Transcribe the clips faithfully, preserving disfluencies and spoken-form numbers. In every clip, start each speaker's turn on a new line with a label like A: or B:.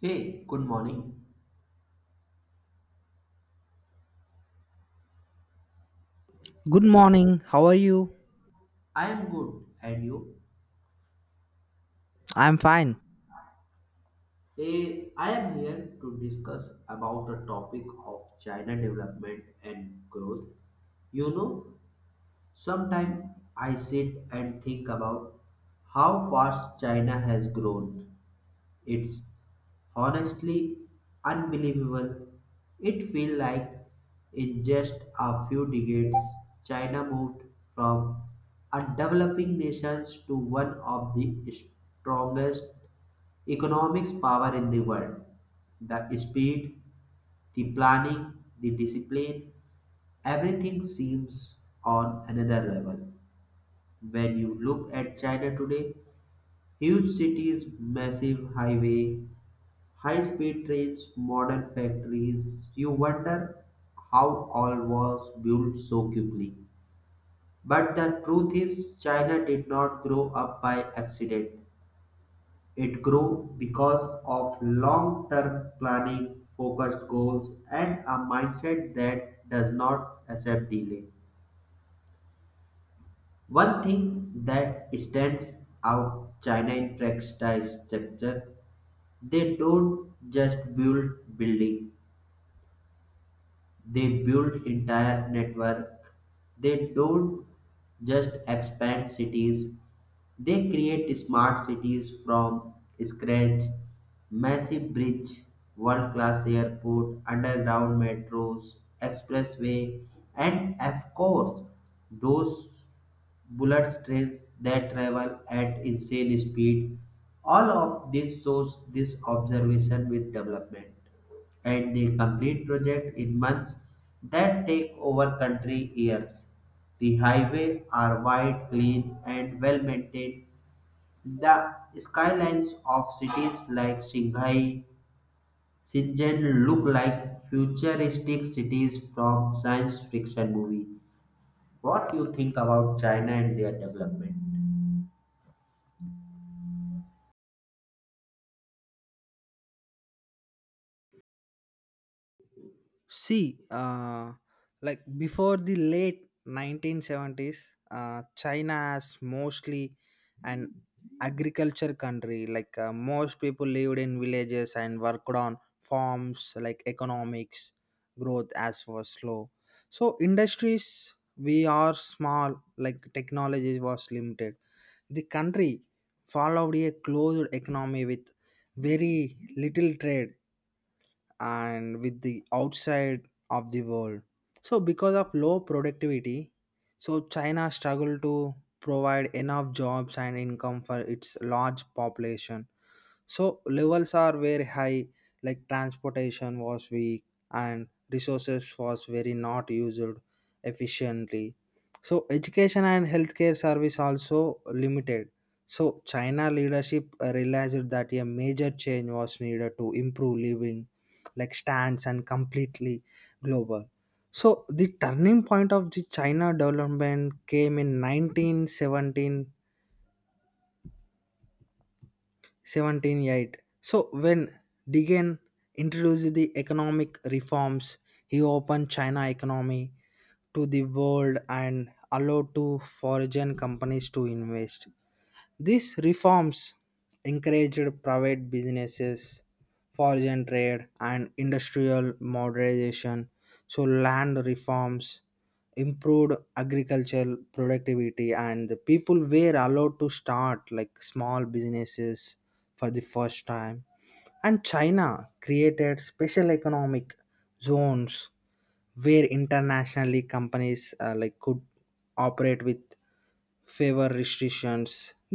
A: Hey, good morning.
B: Good morning. How are you?
A: I am good, and you?
B: I'm fine.
A: Hey, I am here to discuss about a topic of China development and growth. You know, Sometimes I sit and think about how fast China has grown. It's honestly unbelievable. It feels like in just a few decades, China moved from a developing nation to one of the strongest economics power in the world. The speed, the planning, the discipline, everything seems on another level. When you look at China today, huge cities, massive highway, high-speed trains, modern factories, you wonder how all was built so quickly. But the truth is, China did not grow up by accident. It grew because of long term planning, focused goals, and a mindset that does not accept delay. One thing that stands out China infrastructure structure, they don't just build building, they build entire network. They don't just expand cities, they create smart cities from scratch, massive bridge, world-class airport, underground metros, expressway, and of course, those bullet trains that travel at insane speed. All of this shows this observation with development and they complete project in months that take over country years. The highways are wide, clean, and well maintained. The skylines of cities like Shanghai, Shenzhen look like futuristic cities from science fiction movie. What do you think about China and their development?
B: See, uh, like before the late nineteen seventies, uh, China is mostly an agriculture country. Like uh, most people lived in villages and worked on farms. Like economics growth as was slow. So industries we are small. Like technology was limited. The country followed a closed economy with very little trade and with the outside of the world. So because of low productivity, so China struggled to provide enough jobs and income for its large population so levels are very high, like transportation was weak and resources was very not used efficiently. So education and healthcare service also limited. So China leadership uh, realized that a major change was needed to improve living, like stands and completely global. So the turning point of the China development came in nineteen seventeen seventeen point eight. So when Degen introduced the economic reforms, he opened China economy to the world and allowed to foreign companies to invest. These reforms encouraged private businesses, foreign trade, and industrial modernization. So, land reforms improved agricultural productivity, and the people were allowed to start like small businesses for the first time. And China created special economic zones where internationally companies uh, like could operate with favor restrictions.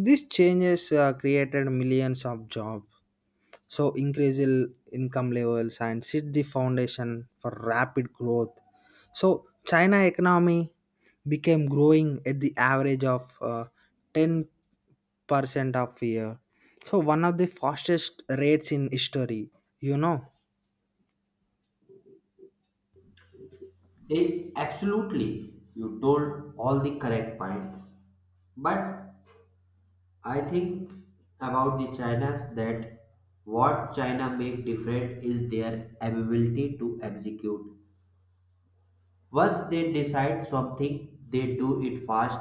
B: These changes uh, created millions of jobs, so increasing income levels and set the foundation for rapid growth. So china economy became growing at the average of uh, ten percent of year, so one of the fastest rates in history, you know
A: Eh, absolutely, you told all the correct point. But I think about the China's that what China make different is their ability to execute. Once they decide something, they do it fast.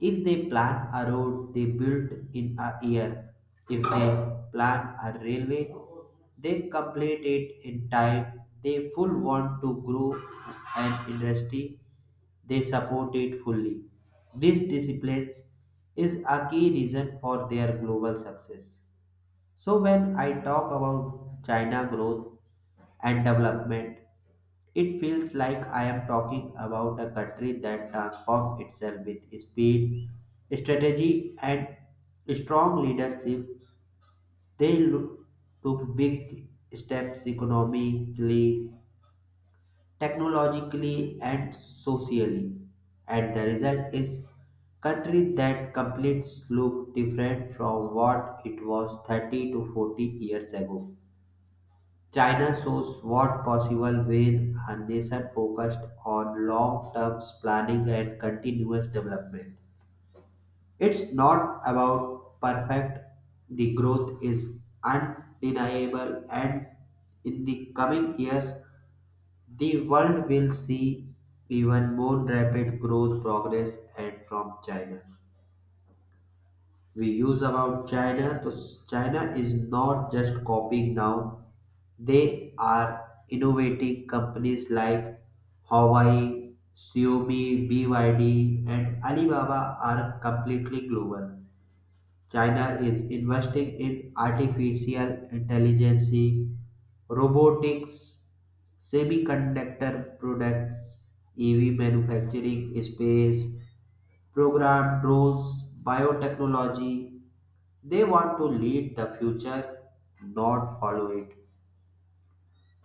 A: If they plan a road, they build in a year. If they plan a railway, they complete it in time. They full want to grow an industry. They support it fully. This discipline is a key reason for their global success. So when I talk about China growth, and development. It feels like I am talking about a country that transforms itself with speed, strategy, and strong leadership. They lo- took big steps economically, technologically, and socially, and the result is country that completes look different from what it was thirty to forty years ago. China shows what possible when a nation focused on long-term planning and continuous development. It's not about perfect. The growth is undeniable and in the coming years the world will see even more rapid growth progress and from China. We use about China, so China is not just copying now. They are innovating companies like Huawei, Xiaomi, B Y D, and Alibaba are completely global. China is investing in artificial intelligence, robotics, semiconductor products, E V manufacturing, space, program drones, biotechnology. They want to lead the future, not follow it.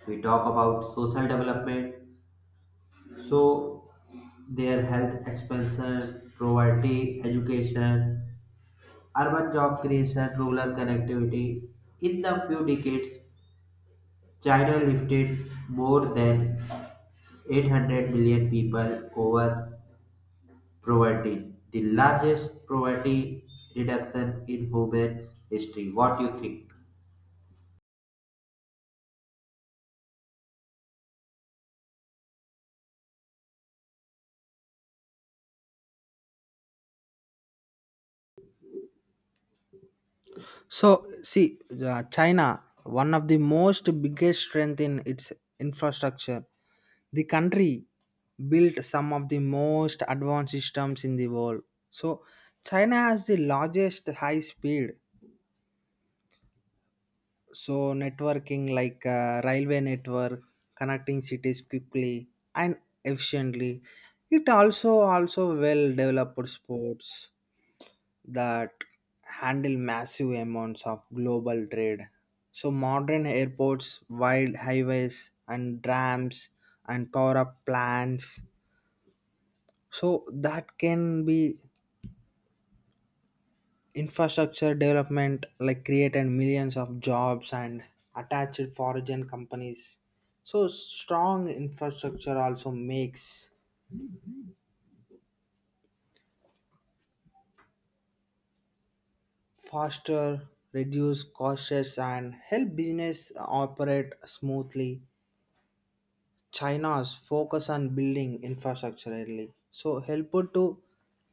A: We talk about social development, so their health expansion, poverty education, urban job creation, rural connectivity. In the few decades China lifted more than eight hundred million people over poverty, the largest poverty reduction in human history. What do you think?
B: So, see, uh, China, one of the most biggest strength in its infrastructure. The country built some of the most advanced systems in the world. So, China has the largest high speed so networking like uh, railway network connecting cities quickly and efficiently. It also also well developed sports that handle massive amounts of global trade. So modern airports, wide highways, and dams and power up plants. So that can be infrastructure development like created millions of jobs and attached foreign companies. So strong infrastructure also makes faster, reduce costs and help business operate smoothly. China's focus on building infrastructure early. So helpful to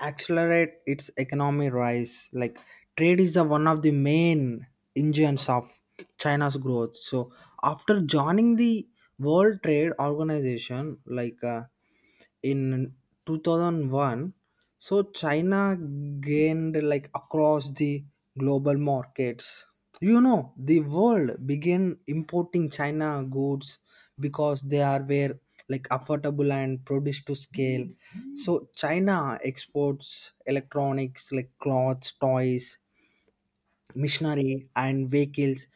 B: accelerate its economy rise. Like trade is the one of the main engines of China's growth. So after joining the World Trade Organization, like uh, in two thousand one, so china gained like across the global markets, you know. The world began importing china goods because they are were like affordable and produced to scale. So china exports electronics like clothes, toys, machinery and vehicles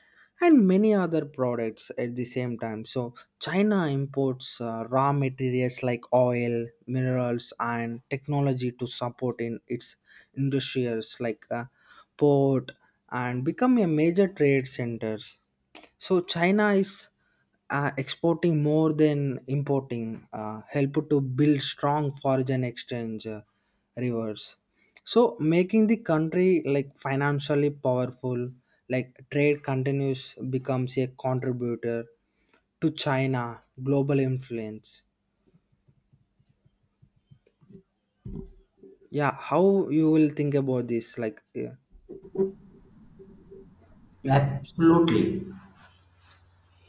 B: and many other products at the same time. So china imports uh, raw materials like oil, minerals and technology to support in its industries like uh, port and become a major trade centers. So china is uh, exporting more than importing uh, help to build strong foreign exchange uh, rivers, so making the country like financially powerful, like trade continues becomes a contributor to China global influence. Yeah, how you will think about this? Like yeah.
A: Absolutely.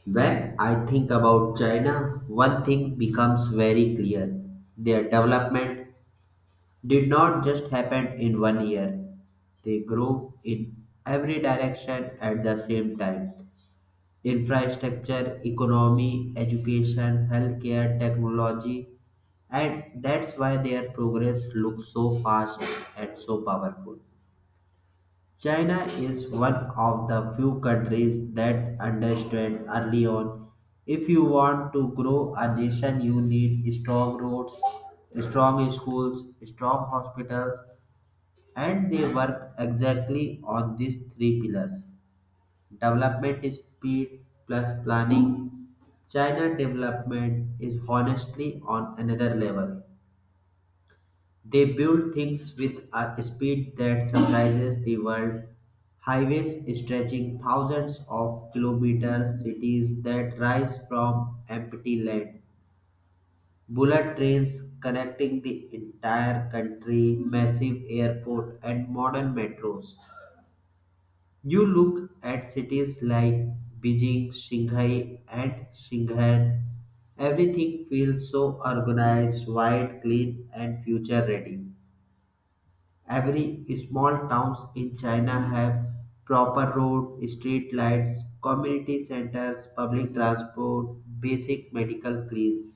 A: When I think about China, one thing becomes very clear. Their development did not just happen in one year. They grew in every direction at the same time. Infrastructure, economy, education, healthcare, technology, and that's why their progress looks so fast and so powerful. China is one of the few countries that understood early on if you want to grow a nation, you need strong roads, strong schools, strong hospitals, and they work exactly on these three pillars development is speed plus planning. China development is honestly on another level. They build things with a speed that surprises the world. Highways stretching thousands of kilometers, cities that rise from empty land, bullet trains connecting the entire country, massive airport, and modern metros. You look at cities like Beijing, Shanghai, and Shenzhen. Everything feels so organized, wide, clean, and future ready. Every small towns in China have proper road, street lights, community centers, public transport, basic medical greens.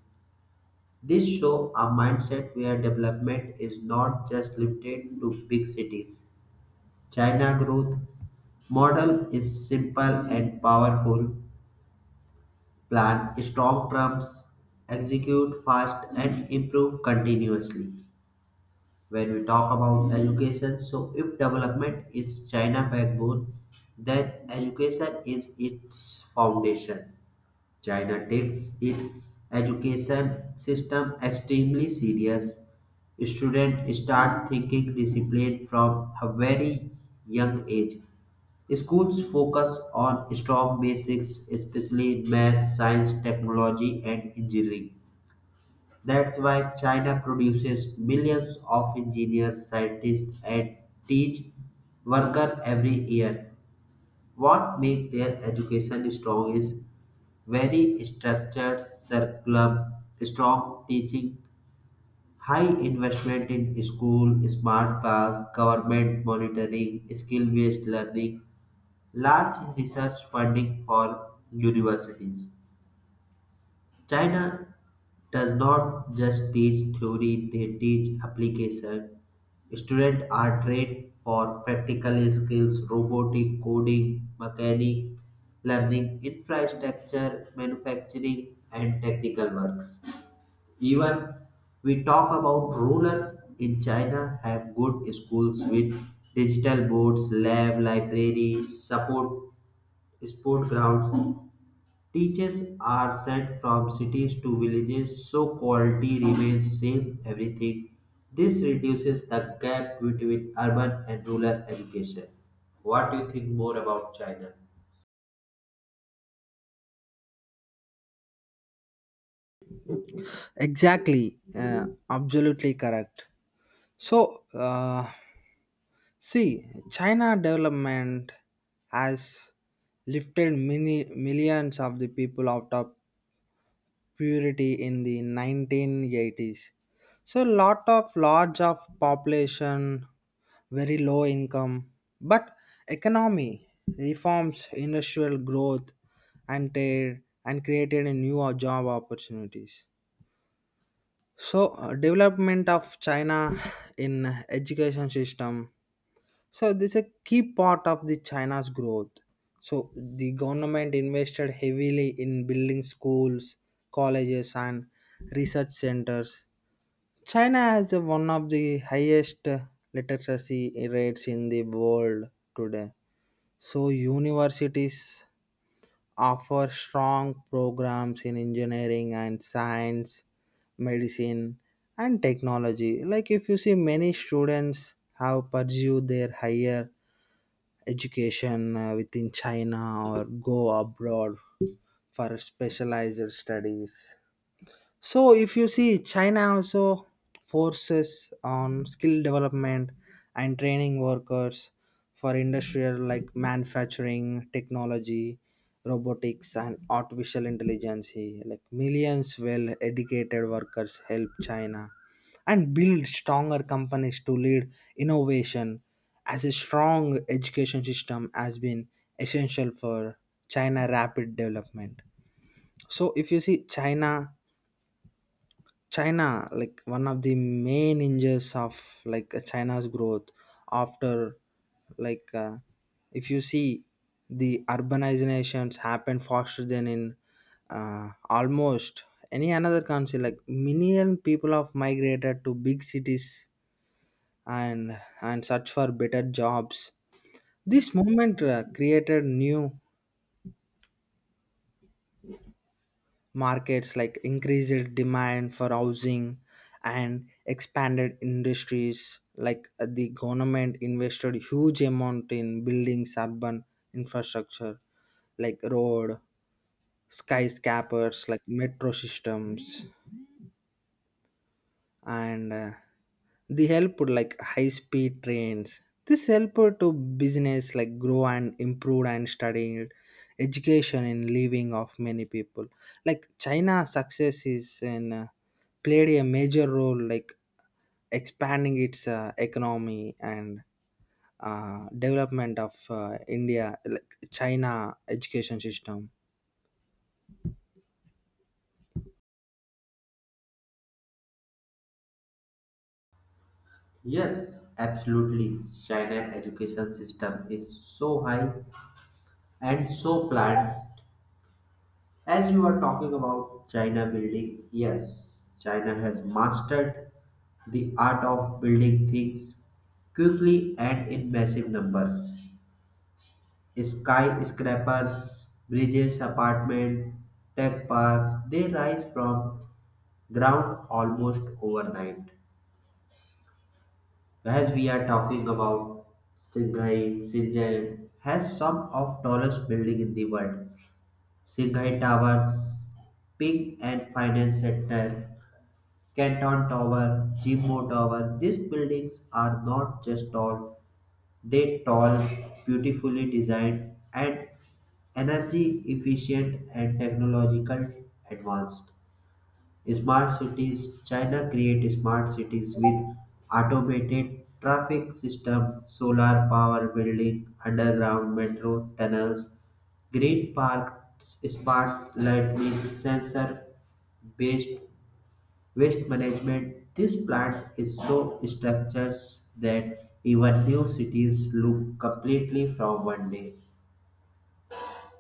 A: This show a mindset where development is not just limited to big cities. China growth model is simple and powerful. Plan strong terms, execute fast and improve continuously. When we talk about education, so if development is china backbone, then education is its foundation. China takes its education system extremely serious. Students start thinking discipline from a very young age. Schools focus on strong basics especially in math, science, technology and engineering. That's why China produces millions of engineers, scientists, and teach workers every year. What makes their education strong is very structured curriculum, strong teaching, high investment in school, smart class, government monitoring, skill-based learning, large research funding for universities. China does not just teach theory, they teach application. Students are trained for practical skills, robotic coding, mechanic learning, infrastructure, manufacturing, and technical works. Even we talk about rulers in China have good schools with digital boards, lab, library, support sport grounds. Teachers are sent from cities to villages so quality remains same everything. This reduces the gap between urban and rural education. What do you think more about China?
B: Exactly, uh, absolutely correct. So uh, see, China development has lifted many millions of the people out of purity in the nineteen eighties. So lot of large of population, very low income, but economy reforms, industrial growth, and trade, and created a new uh, job opportunities. So uh, development of China in education system, so this is a key part of the China's growth. So the government invested heavily in building schools, colleges, and research centers. China has a- one of the highest uh, literacy rates in the world today. So universities offer strong programs in engineering and science, medicine, and technology. Like if you see, many students have pursued their higher education uh, within China or go abroad for specialized studies. So, if you see, China also forces on skill development and training workers for industrial like manufacturing, technology, robotics, and artificial intelligence. Like millions well educated workers help China and build stronger companies to lead innovation as a strong education system has been essential for China rapid development. So if you see China China, like one of the main engines of like China's growth after like uh, if you see the urbanizations happen faster than in uh, almost any another country, like million people have migrated to big cities and and search for better jobs. This movement uh, created new markets like increased demand for housing and expanded industries like uh, the government invested huge amount in building urban infrastructure like road, skyscrapers like metro systems and uh, the help would like high speed trains. This help would to business like grow and improve and studying education and living of many people, like china success is in uh, played a major role like expanding its uh, economy and uh, development of uh, india, like china education system.
A: Yes, absolutely. China education system is so high and so planned. As you are talking about China building, yes, China has mastered the art of building things quickly and in massive numbers. Skyscrapers, bridges, apartment, tech parks, they rise from ground almost overnight. As we are talking about Shanghai, Shenzhen has some of tallest building in the world. Shanghai Towers, Ping and Finance Center, Canton Tower, Jimo Tower. These buildings are not just tall; they tall, beautifully designed, and energy efficient and technological advanced. Smart cities China create smart cities with automated traffic system, solar power building, underground metro tunnels, green parks, smart lightning sensor based waste management. This plant is so structured that even new cities look completely from one day.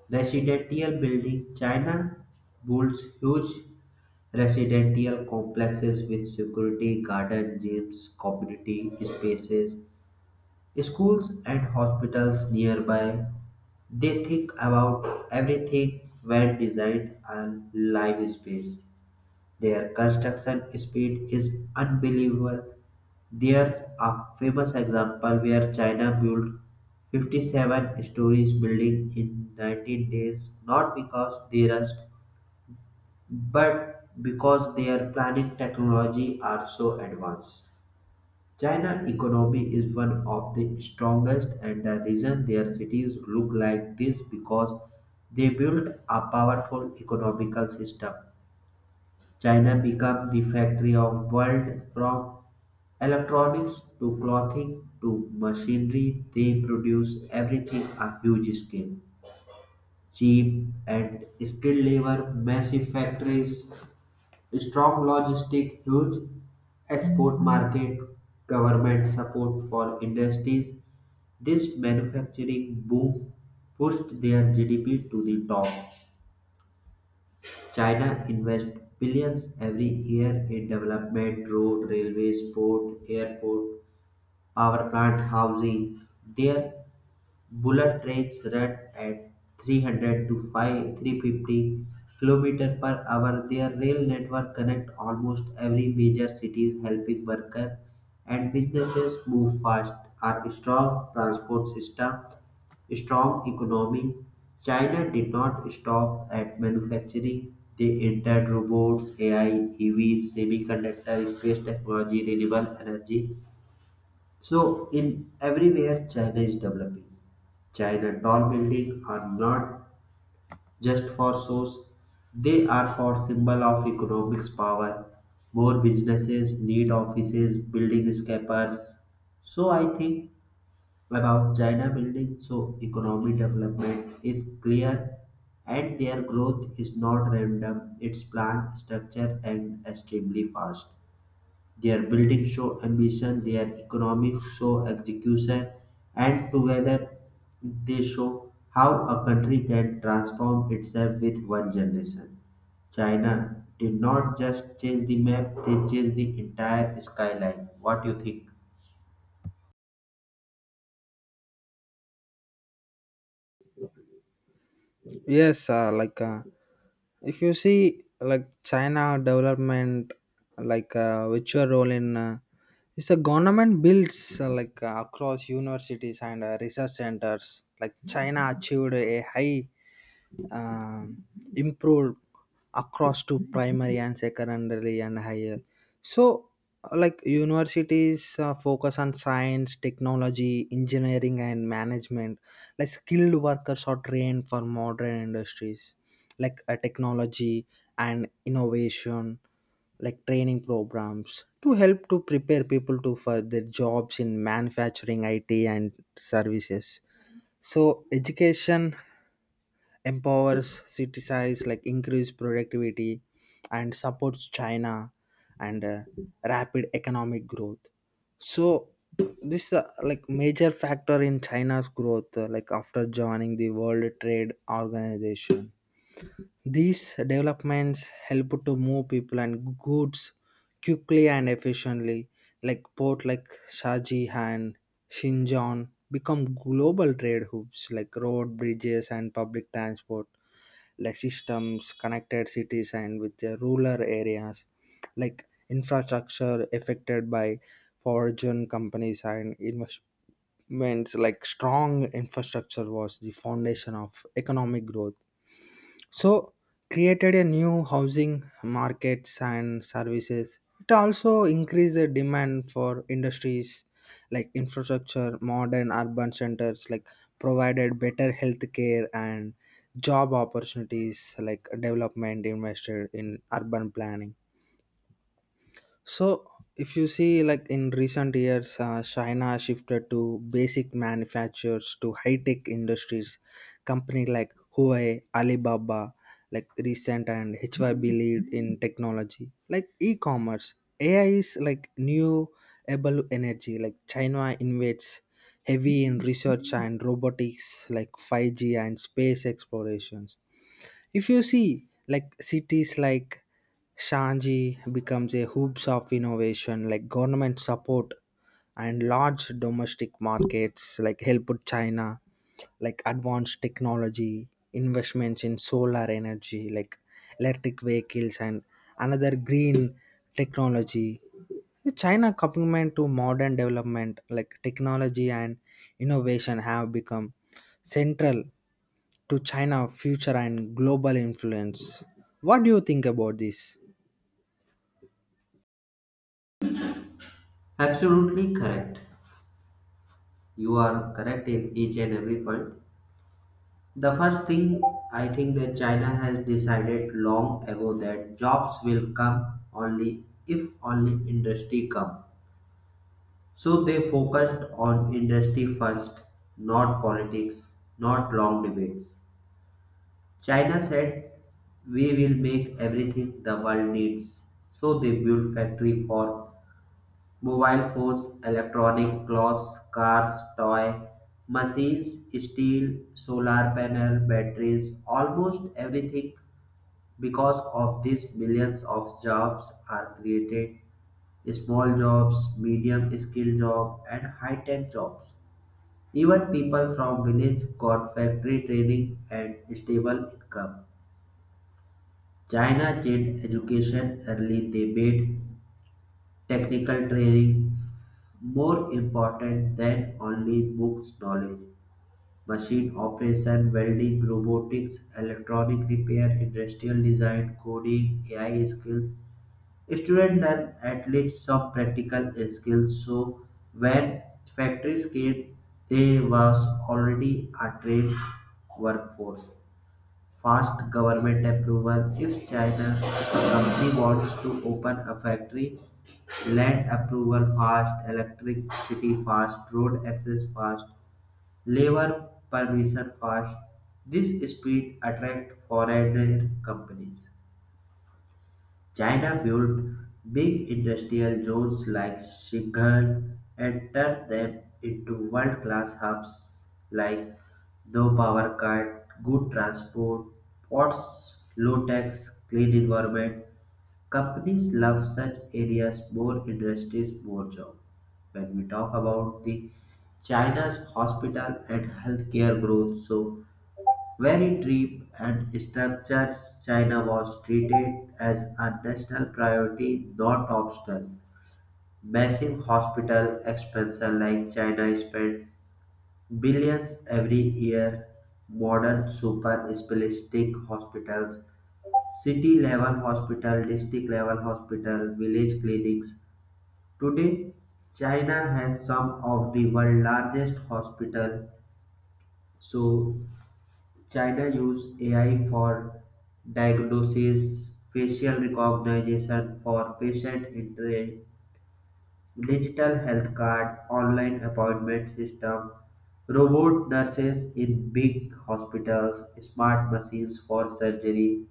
A: Residential building China builds huge residential complexes with security, garden, gyms, community spaces, schools, and hospitals nearby. They think about everything when design a live space. Their construction speed is unbelievable. There's a famous example where China built fifty-seven stories building in nineteen days, not because they rushed, but because their planning technology are so advanced. China economy is one of the strongest and the reason their cities look like this because they built a powerful economical system. China became the factory of world from electronics to clothing to machinery, they produce everything a huge scale. Cheap and skilled labor, massive factories, strong logistic, huge export market, government support for industries. This manufacturing boom pushed their G D P to the top. China invests billions every year in development, road, railways, port, airport, power plant housing. Their bullet trains run at three hundred to five, three hundred fifty kilometers per hour. Their rail network connect almost every major city, helping workers and businesses move fast. Our strong transport system, strong economy. China did not stop at manufacturing. They entered robots, A I, E Vs, semiconductor, space technology, renewable energy, so, in everywhere China is developing, China tall buildings are not just for shows; they are for symbol of economics power. More businesses need offices, building escapers. So I think about China building. So economic development is clear, and their growth is not random. It's planned, structured, and extremely fast. Their building show ambition, their economy show execution, and together they show how a country can transform itself with one generation. China did not just change the map, they changed the entire skyline. What do you think?
B: Yes uh, like uh, if you see like China development, like uh, which your role in uh, it's a government builds uh, like uh, across universities and uh, research centers. Like China achieved a high um, improved across to primary and secondary and higher, so like universities uh, focus on science, technology, engineering and management, like skilled workers are trained for modern industries like uh, technology and innovation, like training programs to help to prepare people to for their jobs in manufacturing it and services. So education empowers city like increase productivity and supports china and uh, rapid economic growth. So this uh, like major factor in china's growth uh, like after joining the world trade organization, these developments help to move people and goods quickly and efficiently, like port like shajihan Xinjiang become global trade hubs, like road, bridges, and public transport like systems, connected cities, and with the rural areas, like infrastructure affected by foreign companies and investments. Like strong infrastructure was the foundation of economic growth, so created a new housing markets and services. It also increased the demand for industries like infrastructure modern urban centers like provided better healthcare and job opportunities, like development invested in urban planning. So, if you see, like in recent years, uh, China shifted to basic manufacturers to high tech industries. Company like Huawei, Alibaba, like recent and H Y B lead in technology, like e-commerce. A I is like new able energy. Like China invests heavy in research and robotics, like five G and space explorations. If you see, like cities like Shanji becomes a hub of innovation, like government support and large domestic markets, like helped China, like advanced technology, investments in solar energy, like electric vehicles, and another green technology. China complement to modern development, like technology and innovation, have become central to China future and global influence. What do you think about this?
A: Absolutely correct. You are correct in each and every point. The first thing I think that China has decided long ago that jobs will come only if only industry come. So they focused on industry first, not politics, not long debates. China said, we will make everything the world needs. So they built factory for mobile phones, electronic clothes, cars, toy, machines, steel, solar panel, batteries, almost everything. Because of this, millions of jobs are created small jobs, medium skill job, and high tech jobs. Even people from village got factory training and stable income. China changed education early. They made technical training more important than only books knowledge. Machine operation, welding, robotics, electronic repair, industrial design, coding, A I skills. Students learn at least some practical skills, so when factories came, they was already a trained workforce. Fast government approval. If China company wants to open a factory, land approval fast, electricity fast, road access fast, labor permission fast. This speed attract foreign companies. China built big industrial zones like Xinjiang and turned them into world class hubs like no power cut, good transport, ports, low tax, clean environment. Companies love such areas, more industries, more jobs. When we talk about the China's hospital and healthcare growth, so very deep and structured, China was treated as a national priority, not obstacle. Massive hospital expansion like China spent billions every year. Modern super specialistic hospitals, city level hospital, district level hospital, village clinics. Today, China has some of the world largest hospital. So China use A I for diagnosis, facial recognition for patient entry, digital health card, online appointment system, robot nurses in big hospitals, smart machines for surgery.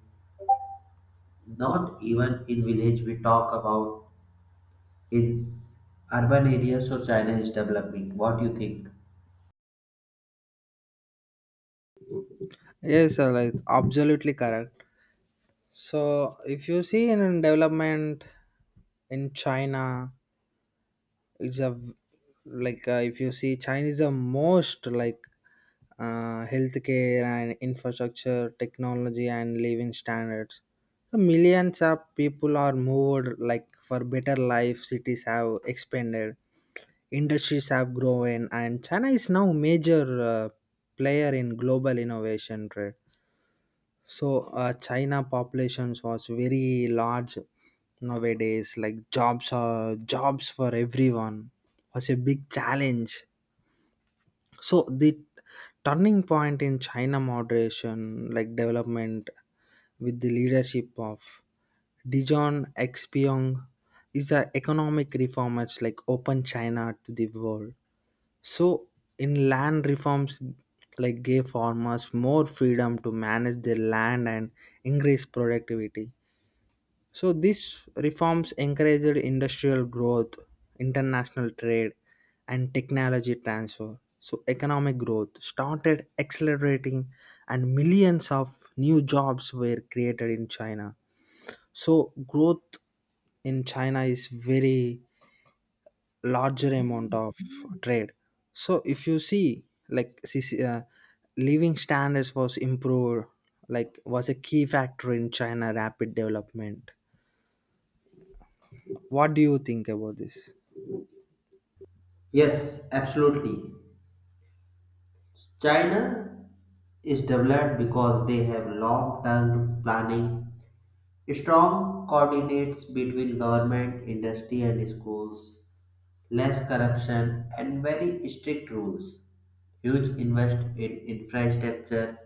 A: Not even in village we talk about in s- urban areas so China is developing. What do you think?
B: Yes, sir, like absolutely correct. So if you see in development in China, it's a v- like uh, if you see China is the most like uh, healthcare and infrastructure, technology and living standards. So millions of people are moved like for better life. Cities have expanded, industries have grown, and China is now major uh, player in global innovation trade. So uh, China populations was very large nowadays. Like jobs are jobs for everyone was a big challenge. So the turning point in China moderation, like development, with the leadership of Dijon X Pyong, is the economic reformers like open China to the world. So, in land reforms, like gave farmers more freedom to manage their land and increase productivity. So, these reforms encouraged industrial growth, international trade, and technology transfer. So, economic growth started accelerating, and millions of new jobs were created in China. So, growth in China is very larger amount of trade. So if you see like C C, uh, living standards was improved like was a key factor in china rapid development. What do you think about this?
A: Yes, absolutely. China is developed because they have long-term planning, strong coordinates between government, industry, and schools, less corruption, and very strict rules. Huge invest in infrastructure,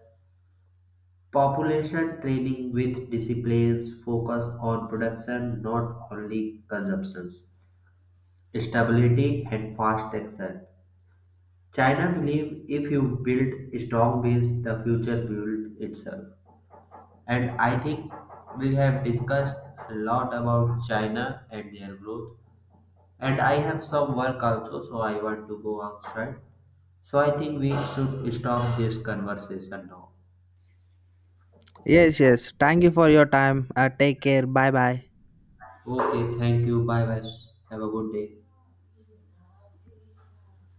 A: population training with disciplines focus on production, not only consumptions, stability, and fast action. China believes if you build strong base, the future builds itself. And I think we have discussed a lot about China and their growth. And I have some work also, so I want to go outside. So I think we should stop this conversation now.
B: Yes yes thank you for your time. Uh, take care, bye bye.
A: Okay, thank you. Bye bye. Have a good day.